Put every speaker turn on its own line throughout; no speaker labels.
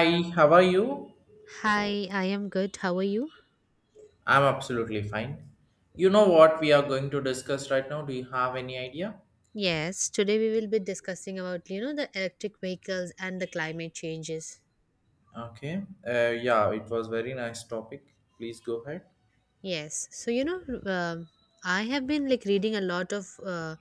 Hi, how are you?
Hi, I am good. How are you?
I'm absolutely fine. You know what we are going to discuss right now? Do you have any idea?
Yes, today we will be discussing about the electric vehicles and the climate changes.
Okay. Yeah, it was very nice topic. Please go ahead.
Yes. So, you know, um I have been like reading a lot of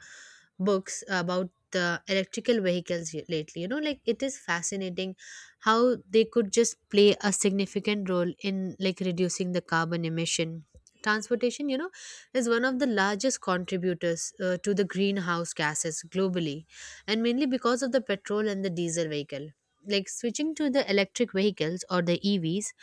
books about the electrical vehicles lately. You know, like it is fascinating how they could just play a significant role in like reducing the carbon emission. Transportation, you know, is one of the largest contributors to the greenhouse gases globally, and mainly because of the petrol and the diesel vehicle. Like switching to the electric vehicles or the EVs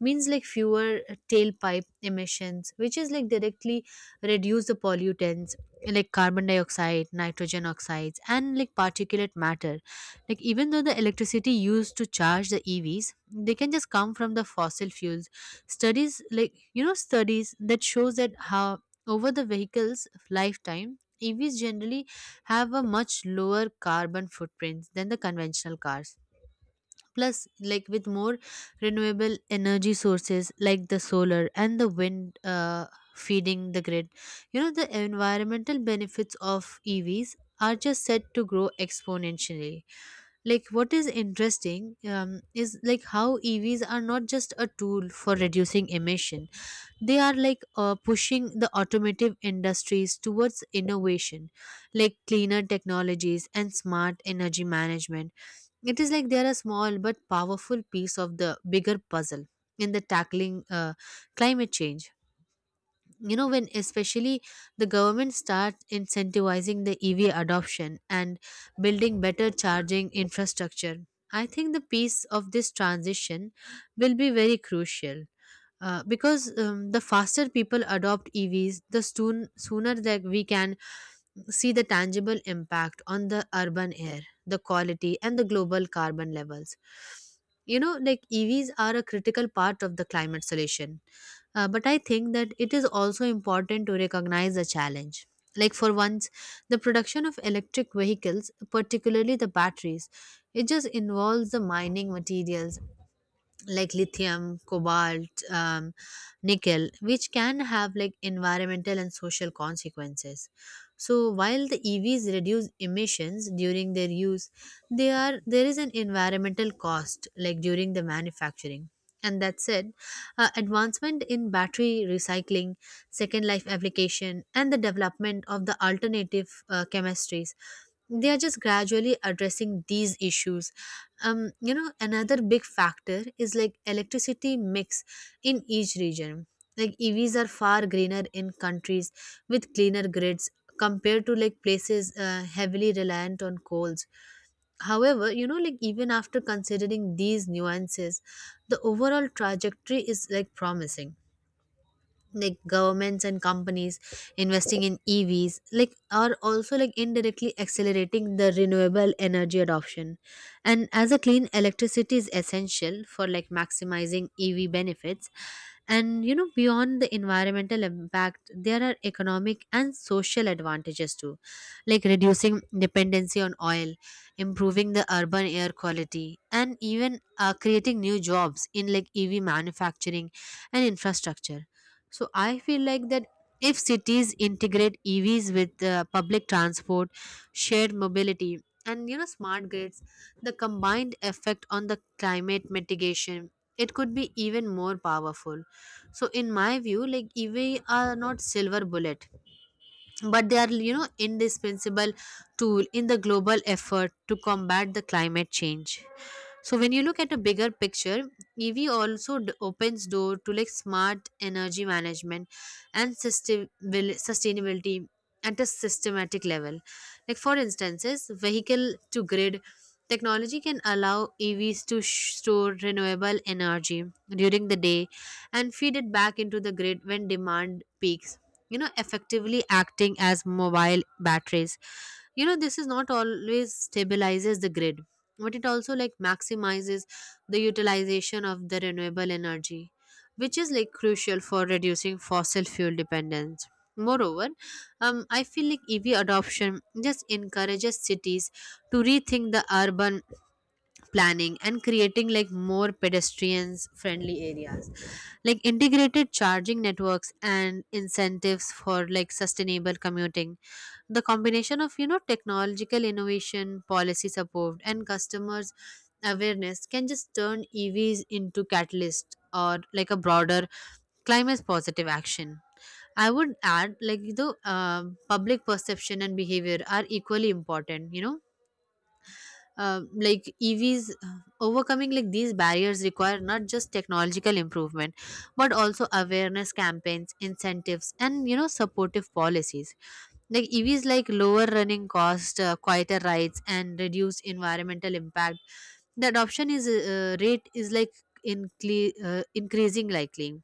means like fewer tailpipe emissions, which is like directly reduce the pollutants like carbon dioxide, nitrogen oxides, and like particulate matter. Like, even though the electricity used to charge the EVs, they can just come from the fossil fuels, studies like you know studies that shows that how over the vehicle's lifetime, EVs generally have a much lower carbon footprint than the conventional cars. Plus, like with more renewable energy sources like the solar and the wind feeding the grid, you know, the environmental benefits of EVs are just set to grow exponentially. Like, what is interesting is like how EVs are not just a tool for reducing emission, they are like pushing the automotive industries towards innovation like cleaner technologies and smart energy management. It is like they are a small but powerful piece of the bigger puzzle in the tackling climate change. You know, when especially the government starts incentivizing the EV adoption and building better charging infrastructure, I think the piece of this transition will be very crucial. Because the faster people adopt EVs, the sooner that we can see the tangible impact on the urban air, the quality, and the global carbon levels. You know, like EVs are a critical part of the climate solution. But I think that it is also important to recognize the challenge. Like, for once, the production of electric vehicles, particularly the batteries, it just involves the mining materials like lithium, cobalt, nickel, which can have like environmental and social consequences. So while the EVs reduce emissions during their use, they are there is an environmental cost like during the manufacturing. And that said, advancement in battery recycling, second life application, and the development of the alternative chemistries, they are just gradually addressing these issues. um Another big factor is like electricity mix in each region. Like, EVs are far greener in countries with cleaner grids compared to like places heavily reliant on coals. However, like even after considering these nuances, the overall trajectory is like promising. Like, governments and companies investing in EVs like are also like indirectly accelerating the renewable energy adoption, and as a clean electricity is essential for like maximizing EV benefits. And beyond the environmental impact, there are economic and social advantages too, like reducing dependency on oil, improving the urban air quality, and even creating new jobs in like EV manufacturing and infrastructure. So I feel like that if cities integrate EVs with public transport, shared mobility, and smart grids, the combined effect on the climate mitigation, it could be even more powerful. So in my view, like EV are not silver bullet, but they are indispensable tool in the global effort to combat the climate change. So when you look at a bigger picture, EV also opens door to like smart energy management and sustainability at a systematic level. Like, for instances, vehicle to grid technology can allow EVs to store renewable energy during the day and feed it back into the grid when demand peaks, effectively acting as mobile batteries. This is not always stabilizes the grid, but it also like maximizes the utilization of the renewable energy, which is like crucial for reducing fossil fuel dependence. Moreover, I feel like EV adoption just encourages cities to rethink the urban planning and creating like more pedestrians friendly areas, like integrated charging networks and incentives for like sustainable commuting. The combination of technological innovation, policy support, and customers awareness can just turn EVs into catalyst or like a broader climate positive action. I would add like the public perception and behavior are equally important. Like, EVs overcoming like these barriers require not just technological improvement, but also awareness campaigns, incentives, and supportive policies. Like, EVs like lower running cost, quieter rides, and reduced environmental impact. The adoption is rate is like in increasing likely,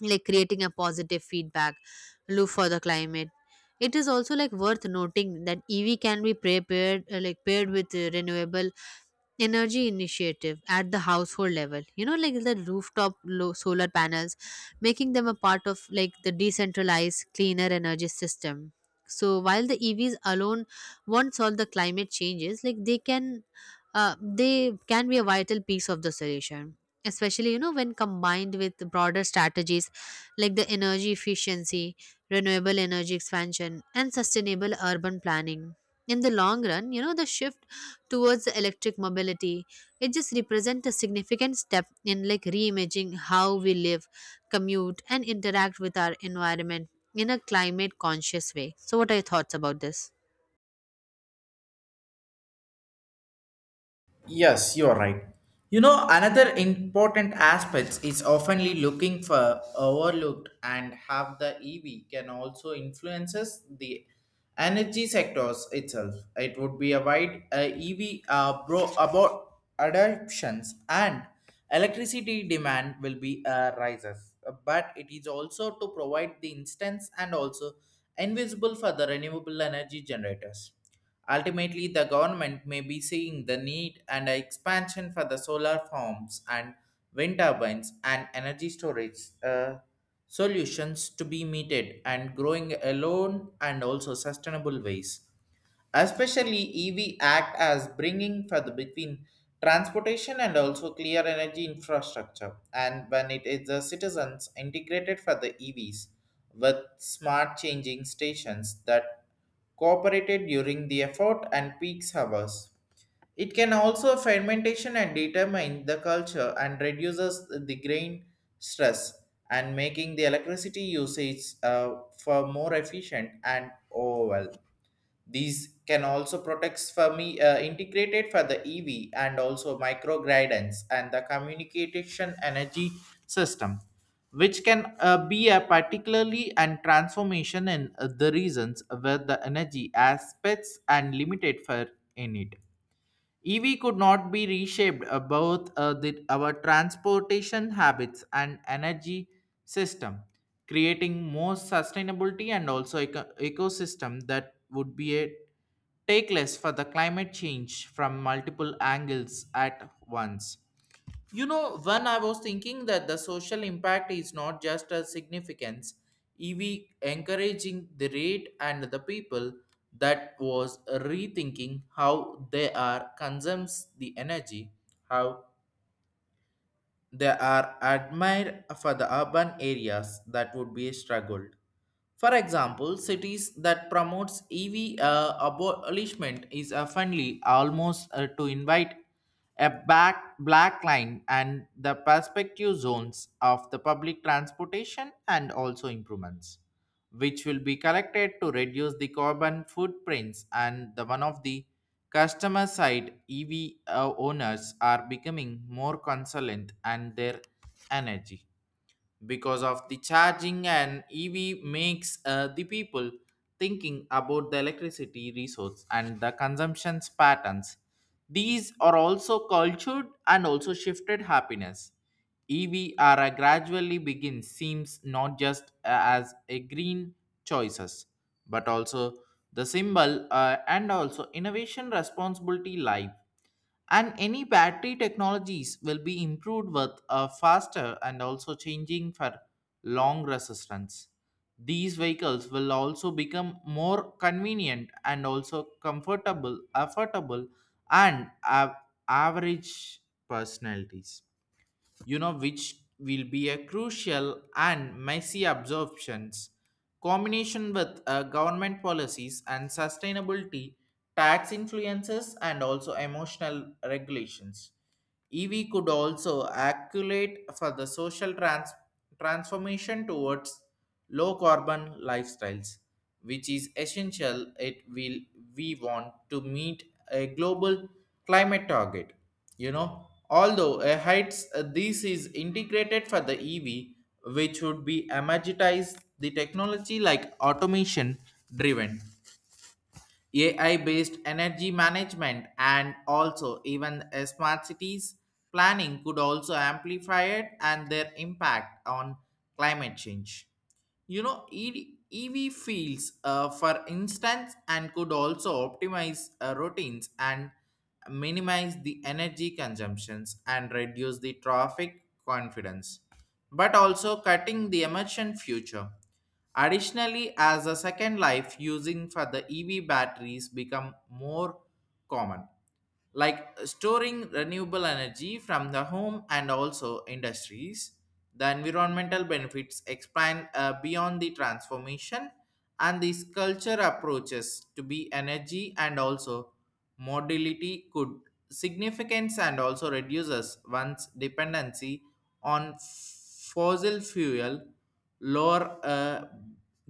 like creating a positive feedback loop for the climate. It is also like worth noting that EV can be prepared like paired with renewable energy initiative at the household level. Like the rooftop solar panels, making them a part of like the decentralized cleaner energy system. So while the EVs alone won't solve the climate changes, like they can be a vital piece of the solution, especially when combined with broader strategies like the energy efficiency, renewable energy expansion, and sustainable urban planning. In the long run, the shift towards electric mobility. It just represents a significant step in like reimagining how we live, commute, and interact with our environment in a climate conscious way. So, what are your thoughts about this?
Yes, you're right. You know, another important aspect is oftenly looking for overlooked and have the EV can also influences the energy sectors itself. It would be a wide EV bro about adoptions and electricity demand will be rises. But it is also to provide the instance and also invisible for the renewable energy generators. Ultimately, the government may be seeing the need and expansion for the solar farms and wind turbines and energy storage solutions to be meted and growing alone and also sustainable ways. Especially EV act as bringing further between transportation and also clear energy infrastructure. And when it is the citizens integrated for the EVs with smart changing stations that cooperated during the effort and peaks hours. It can also fermentation and determine the culture and reduces the grain stress and making the electricity usage for more efficient and overall. These can also protect for me integrated for the EV and also micro guidance and the communication energy system, which can be a particularly and transformation in the reasons where the energy aspects and limited for in it. EV could not be reshaped both our transportation habits and energy system, creating more sustainability and also ecosystem that would be a take less for the climate change from multiple angles at once. You know, when I was thinking that the social impact is not just a significance, EV encouraging the rate and the people that was rethinking how they are consumes the energy, how they are admired for the urban areas that would be struggled. For example, cities that promotes EV abolishment is oftenly almost to invite a back black line and the perspective zones of the public transportation and also improvements, which will be collected to reduce the carbon footprints and the one of the customer side EV owners are becoming more consultant and their energy because of the charging and EV makes the people thinking about the electricity resource and the consumption patterns. These are also cultured and also shifted happiness. EV are a gradually begin seems not just as a green choices, but also the symbol and also innovation responsibility life and any battery technologies will be improved with a faster and also changing for long resistance. These vehicles will also become more convenient and also comfortable affordable and have average personalities, you know, which will be a crucial and messy absorptions combination with government policies and sustainability tax influences and also emotional regulations. EV could also accumulate for the social transformation towards low carbon lifestyles, which is essential it will we want to meet a global climate target. You know, although heights this is integrated for the EV, which would be amortize the technology like automation driven AI based energy management and also even smart cities planning could also amplify it and their impact on climate change. You know, EV fields, for instance, and could also optimize routines and minimize the energy consumptions and reduce the traffic confidence, but also cutting the emission future. Additionally, as a second life using for the EV batteries become more common, like storing renewable energy from the home and also industries, the environmental benefits expand beyond the transformation and these culture approaches to be energy and also mobility could significance and also reduces one's dependency on fossil fuel lower a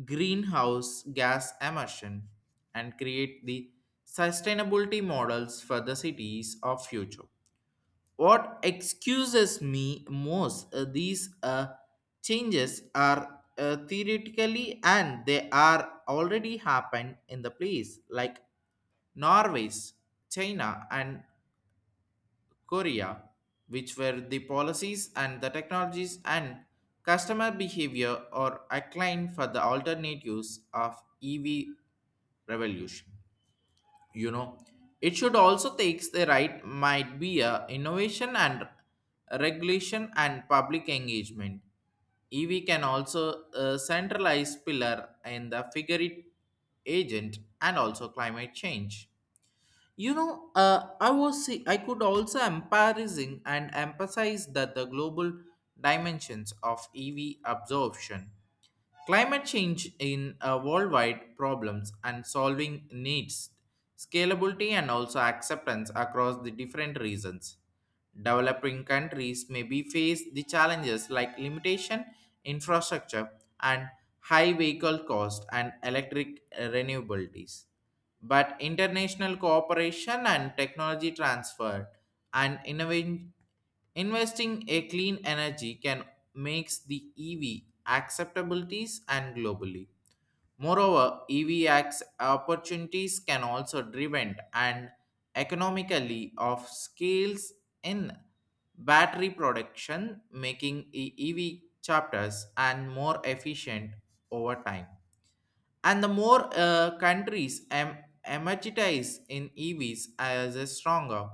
greenhouse gas emission and create the sustainability models for the cities of future. What excuses me most these changes are theoretically and they are already happened in the place like Norway's, China and Korea, which were the policies and the technologies and customer behavior or acclaim for the alternatives of EV revolution. You know, it should also takes the right might be a innovation and regulation and public engagement. EV can also centralize pillar in the figure it agent and also climate change. You know, I could also emphasizing and emphasize that the global dimensions of EV absorption, climate change in worldwide problems and solving needs, scalability and also acceptance across the different regions. Developing countries may be face the challenges like limitation, infrastructure, and high vehicle cost and electric renewables but international cooperation and technology transfer and innovation investing a clean energy can makes the EV acceptabilities and globally. Moreover, EV acts opportunities can also driven and economically of scales in battery production, making EV chapters and more efficient over time and the more countries emergitize in EVs as a stronger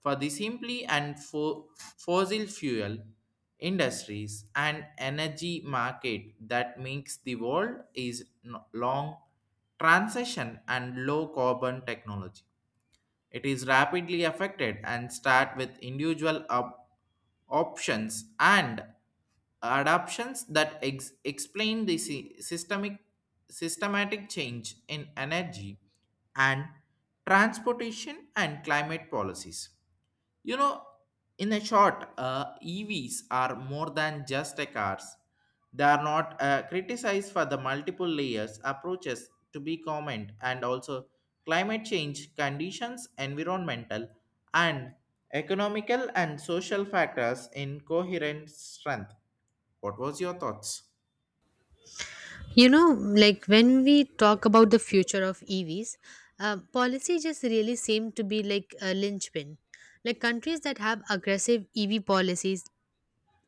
for the simply and fossil fuel industries and energy market that makes the world is long transition and low carbon technology. It is rapidly affected and start with individual options and adaptations that explain the sy- systemic systematic change in energy and transportation and climate policies. You know, in a short, EVs are more than just a cars. They are not criticized for the multiple layers approaches to be common and also climate change conditions, environmental and economical and social factors in coherent strength. What was your thoughts?
Like when we talk about the future of EVs, policy just really seem to be like a linchpin. Like countries that have aggressive EV policies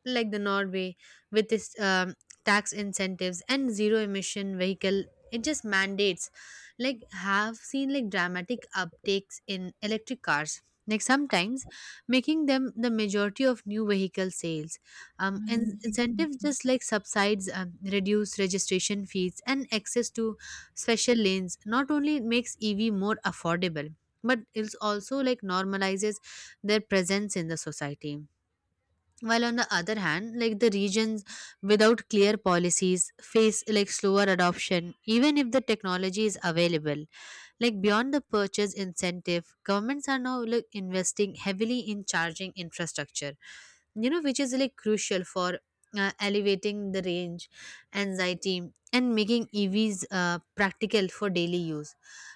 like the Norway with its tax incentives and zero emission vehicle, it just mandates like have seen like dramatic uptakes in electric cars, like sometimes making them the majority of new vehicle sales. And incentives just like subsides, reduce registration fees and access to special lanes, not only it makes EV more affordable, but it's also like normalizes their presence in the society. While on the other hand, like the regions without clear policies face like slower adoption even if the technology is available. Like beyond the purchase incentive, governments are now like investing heavily in charging infrastructure, which is like crucial for elevating the range anxiety and making EVs practical for daily use.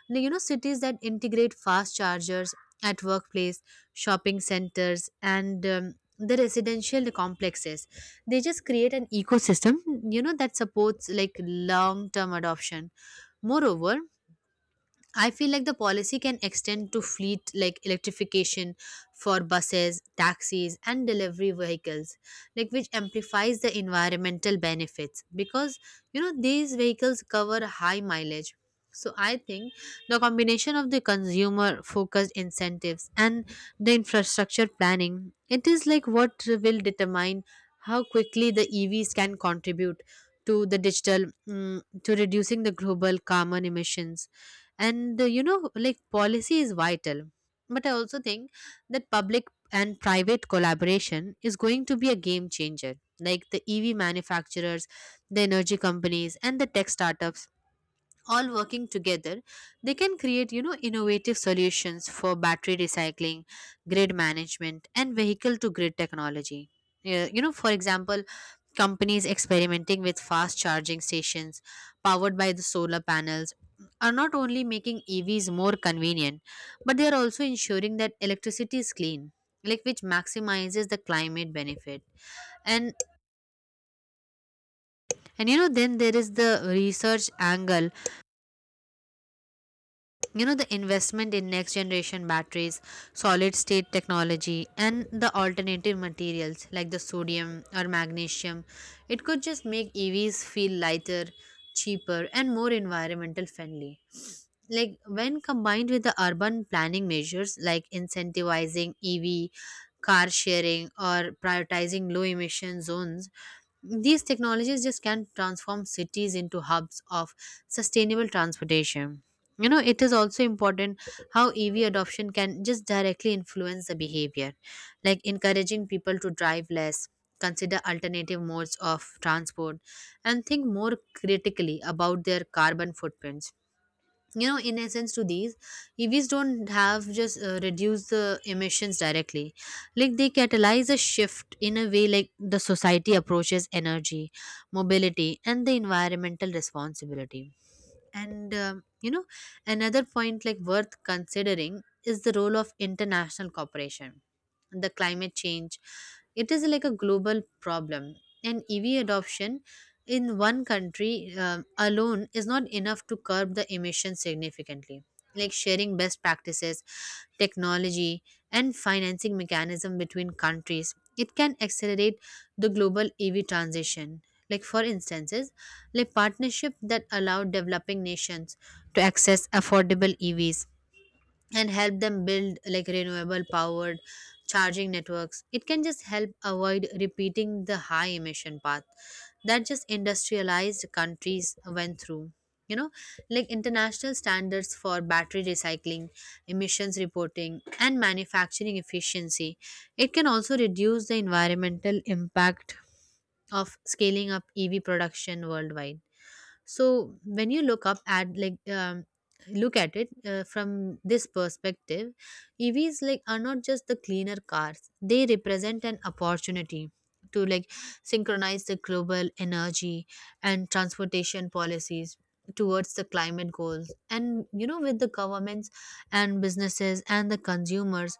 Like, cities that integrate fast chargers at workplace, shopping centers, and the residential complexes. They just create an ecosystem, that supports like long term adoption. Moreover, I feel like the policy can extend to fleet like electrification for buses, taxis, and delivery vehicles, like which amplifies the environmental benefits because these vehicles cover high mileage. So I think the combination of the consumer focused incentives and the infrastructure planning, it is like what will determine how quickly the EVs can contribute to the to reducing the global carbon emissions. And like policy is vital, but I also think that public and private collaboration is going to be a game changer. Like the EV manufacturers, the energy companies, and the tech startups, all working together, they can create innovative solutions for battery recycling, grid management, and vehicle to grid technology. Yeah, for example, companies experimenting with fast charging stations powered by the solar panels are not only making EVs more convenient, but they are also ensuring that electricity is clean, like which maximizes the climate benefit. And and then there is the research angle. The investment in next generation batteries, solid state technology, and the alternative materials like the sodium or magnesium, it could just make EVs feel lighter, cheaper, and more environmental friendly. Like when combined with the urban planning measures like incentivizing EV car sharing, or prioritizing low emission zones. These technologies just can transform cities into hubs of sustainable transportation. You know, it is also important how EV adoption can just directly influence the behavior, like encouraging people to drive less, consider alternative modes of transport, and think more critically about their carbon footprints. In essence to these, EVs don't have just reduce the emissions directly, like they catalyze a shift in a way like the society approaches energy, mobility, and the environmental responsibility. And you know Another point like worth considering is the role of international cooperation. The climate change, it is like a global problem, and EV adoption in one country alone is not enough to curb the emissions significantly, like sharing best practices, technology, and financing mechanism between countries. It can accelerate the global EV transition. Like for instances, like partnership that allow developing nations to access affordable EVs and help them build like renewable powered charging networks, it can just help avoid repeating the high emission path that just industrialized countries went through. you know like international standards for battery recycling, emissions reporting, and manufacturing efficiency, it can also reduce the environmental impact of scaling up EV production worldwide. So when you look up at look at it from this perspective, EVs like are not just the cleaner cars. They represent an opportunity to like synchronize the global energy and transportation policies towards the climate goals. And you know, with the governments and businesses and the consumers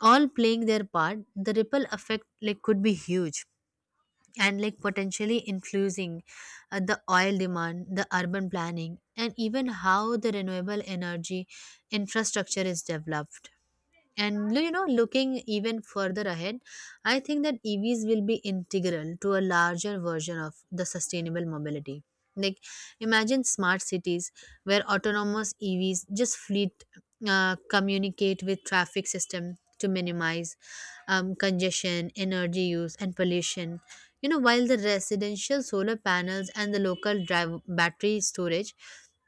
all playing their part, the ripple effect like could be huge and like potentially influencing the oil demand, the urban planning, and even how the renewable energy infrastructure is developed. And you know, looking even further ahead, I think that EVs will be integral to a larger version of the sustainable mobility. Like, imagine smart cities where autonomous EVs just fleet communicate with traffic system to minimize congestion, energy use, and pollution. You know, while the residential solar panels and the local drive battery storage,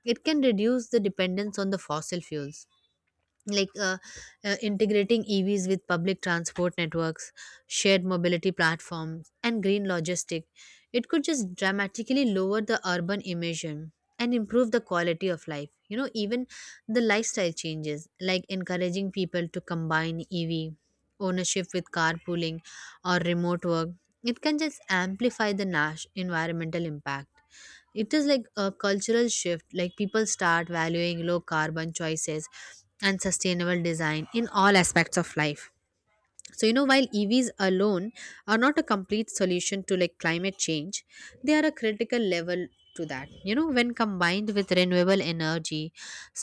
it can reduce the dependence on the fossil fuels like integrating EVs with public transport networks, shared mobility platforms, and green logistics, it could just dramatically lower the urban emission and improve the quality of life. You know, even the lifestyle changes, like encouraging people to combine EV ownership with carpooling or remote work, it can just amplify the NASH environmental impact. It is like a cultural shift, like people start valuing low carbon choices and sustainable design in all aspects of life. So you know, while EVs alone are not a complete solution to like climate change, they are a critical level to that. You know, when combined with renewable energy,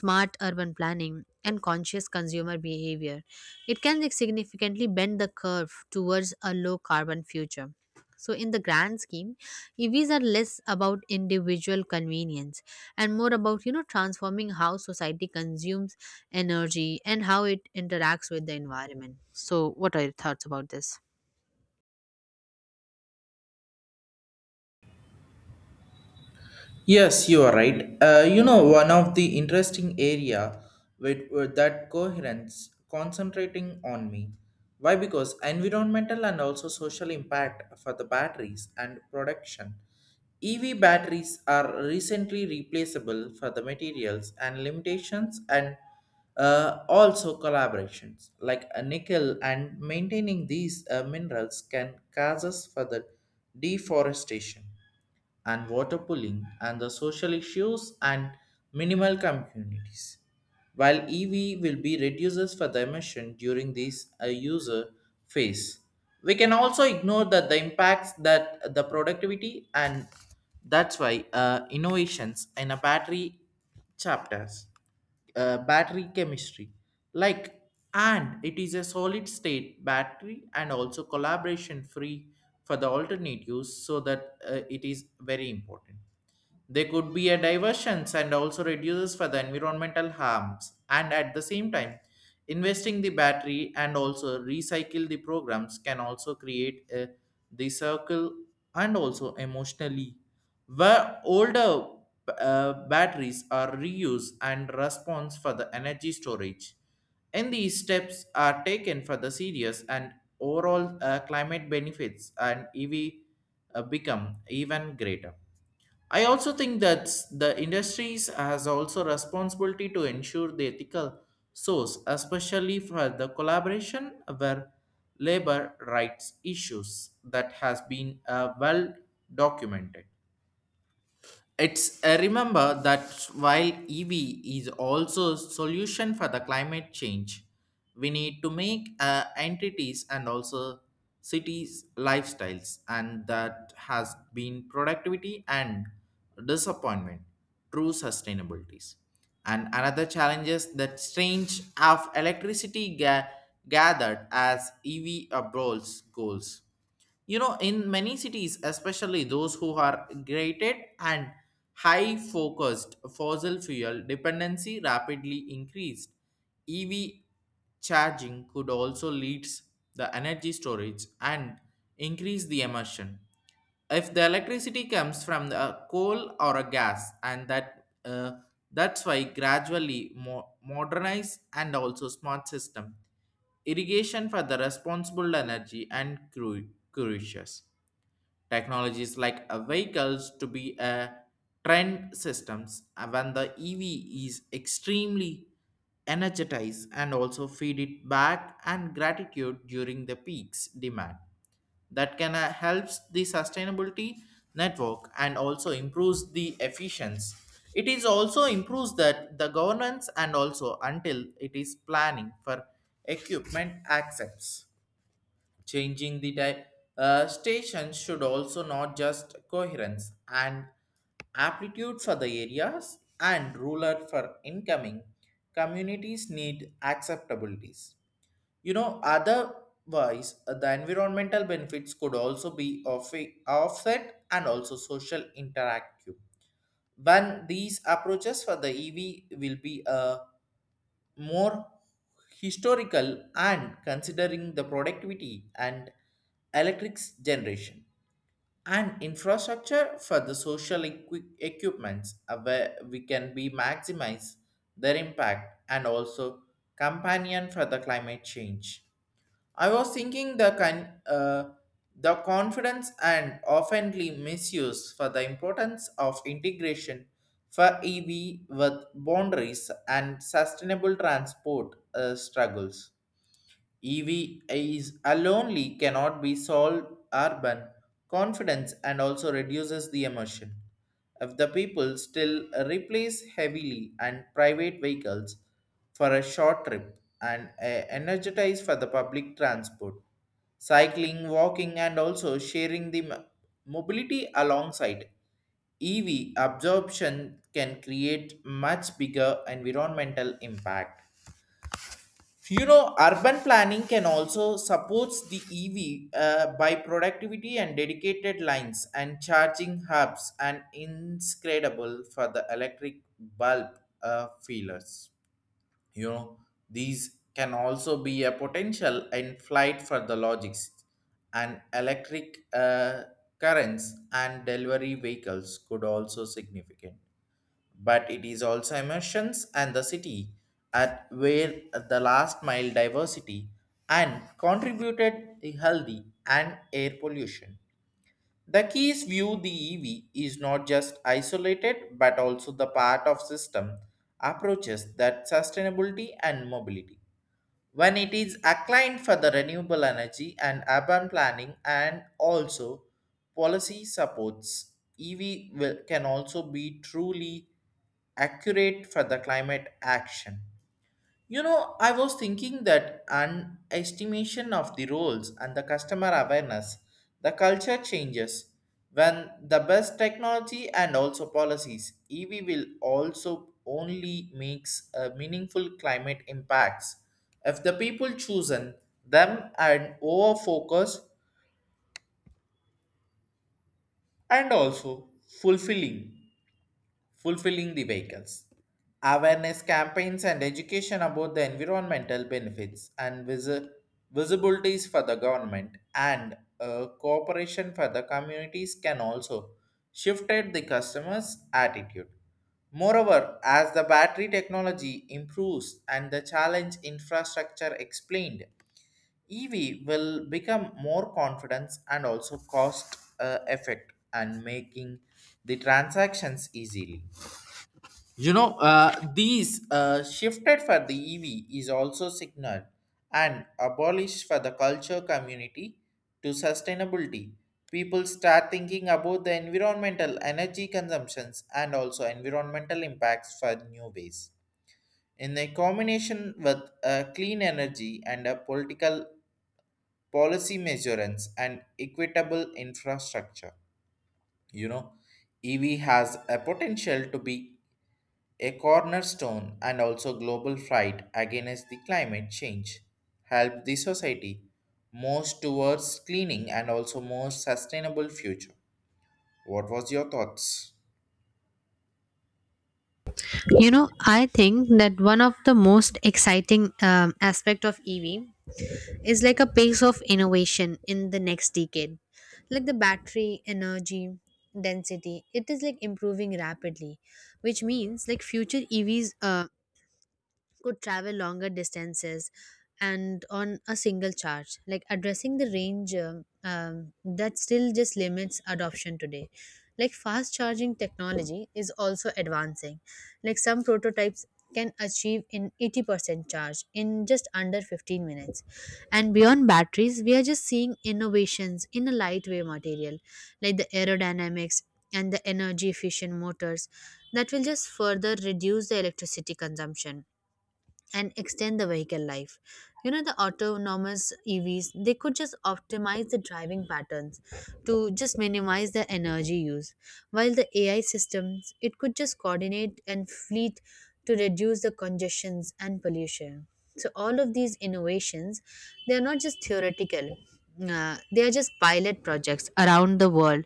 smart urban planning, and conscious consumer behavior, it can like significantly bend the curve towards a low carbon future. So in the grand scheme, EVs are less about individual convenience and more about you know transforming how society consumes energy and how it interacts with the environment. So, what are your thoughts about this?
Yes, you are right. You know, one of the interesting area with that coherence concentrating on me. Why? Because environmental and also social impact for the batteries and production. EV batteries are recently replaceable for the materials and limitations and also collaborations like a nickel and maintaining these minerals can cause us for the deforestation and water pooling and the social issues and minimal communities while EV will be reduces for the emission during this user phase. We can also ignore that the impacts that the productivity and that's why innovations in a battery chapters, battery chemistry, like and it is a solid state battery and also collaboration free for the alternatives so that it is very important they could be a diversions and also reduces for the environmental harms and at the same time investing the battery and also recycle the programs can also create a, the circle and also emotionally where older batteries are reused and response for the energy storage and these steps are taken for the serious and overall climate benefits and EV become even greater. I also think that the industries has also responsibility to ensure the ethical source, especially for the collaboration where labor rights issues that has been well documented. It's remember that while EV is also solution for the climate change, we need to make entities and also cities lifestyles, and that has been productivity and disappointment, true sustainabilities. And another challenge is that strange of electricity gathered as EV abroad goals. You know, in many cities, especially those who are grated and high focused fossil fuel dependency rapidly increased. EV charging could also lead the energy storage and increase the emission. If the electricity comes from the coal or a gas, and that's why gradually modernize and also smart system irrigation for the responsible energy and crucius. Technologies like vehicles to be a trend systems when the EV is extremely energized and also feed it back and gratitude during the peaks demand that can helps the sustainability network and also improves the efficiency. It is also improves that the governance and also until it is planning for equipment access. Changing the station should also not just coherence and aptitude for the areas and ruler for incoming communities need acceptabilities. You know, otherwise the environmental benefits could also be offset and also social interactive. When these approaches for the EV will be a more historical and considering the productivity and electric's generation and infrastructure for the social equipments where we can be maximize their impact and also companion for the climate change. I was thinking the the confidence and oftenly misuse for the importance of integration for EV with boundaries and sustainable transport struggles. EV is alone cannot be solved urban confidence and also reduces the emission. If the people still replace heavily and private vehicles for a short trip and energize for the public transport, cycling, walking, and also sharing the mobility alongside EV absorption can create much bigger environmental impact. You know, urban planning can also supports the EV by productivity and dedicated lines and charging hubs and inscredible for the electric bulb feelers. You know, these can also be a potential in flight for the logics and electric currents and delivery vehicles could also significant but it is also emotions and the city at where the last mile diversity and contributed the healthy and air pollution. The keys view the EV is not just isolated but also the part of system approaches that sustainability and mobility when it is acclaimed for the renewable energy and urban planning and also policy supports EV will, can also be truly accurate for the climate action. You know, I was thinking that an estimation of the roles and the customer awareness, the culture changes. When the best technology and also policies, EV will also only makes a meaningful climate impacts. If the people chosen them and over focus and also fulfilling. Fulfilling the vehicles. Awareness campaigns and education about the environmental benefits and visibilities for the government and cooperation for the communities can also shifted the customer's attitude. Moreover, as the battery technology improves and the challenge infrastructure explained, EV will become more confidence and also cost effect and making the transactions easily. You know, these shifted for the EV is also signaled and abolished for the culture community to sustainability. People start thinking about the environmental energy consumptions and also environmental impacts for new ways. In a combination with clean energy and a political policy measurements and equitable infrastructure, you know, EV has a potential to be a cornerstone and also global fight against the climate change help the society most towards cleaning and also more sustainable future. What was your thoughts?
You know, I think that one of the most exciting aspect of EV is like a pace of innovation in the next decade. Like the battery energy density, it is like improving rapidly, which means like future EVs could travel longer distances and on a single charge, like addressing the range that still just limits adoption today. Like fast charging technology is also advancing, like some prototypes can achieve in 80% charge in just under 15 minutes. And beyond batteries, we are just seeing innovations in a lightweight material like the aerodynamics and the energy efficient motors that will just further reduce the electricity consumption and extend the vehicle life. You know, the autonomous EVs, they could just optimize the driving patterns to just minimize the energy use, while the AI systems, it could just coordinate and fleet to reduce the congestions and pollution. So all of these innovations, they are not just theoretical. They are just pilot projects around the world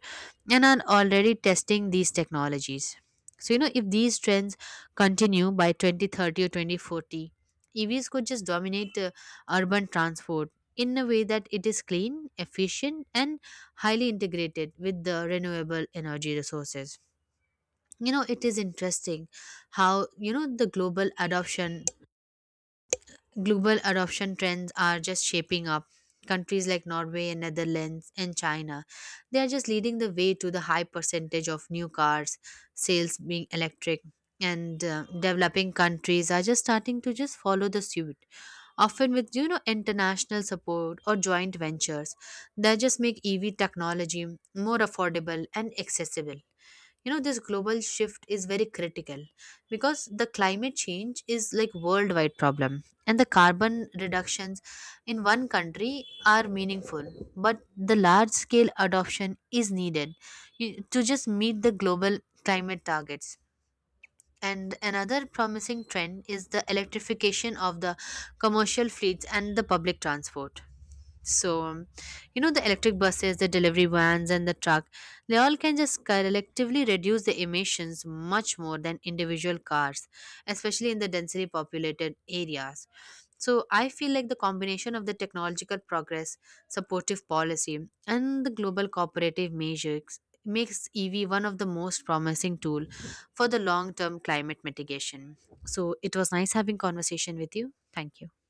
and are already testing these technologies. So, you know, if these trends continue by 2030 or 2040, EVs could just dominate urban transport in a way that it is clean, efficient, and highly integrated with the renewable energy resources. You know, it is interesting how you know the global adoption trends are just shaping up. Countries like Norway and Netherlands and China, they are just leading the way to the high percentage of new cars sales being electric, and developing countries are just starting to just follow the suit, often with you know international support or joint ventures that just make EV technology more affordable and accessible. You know, this global shift is very critical because the climate change is like worldwide problem, and the carbon reductions in one country are meaningful, but the large scale adoption is needed to just meet the global climate targets. And another promising trend is the electrification of the commercial fleets and the public transport. So, you know, the electric buses, the delivery vans, and the truck, they all can just collectively reduce the emissions much more than individual cars, especially in the densely populated areas. So, I feel like the combination of the technological progress, supportive policy, and the global cooperative measures makes EV one of the most promising tool for the long-term climate mitigation. So, it was nice having conversation with you. Thank you.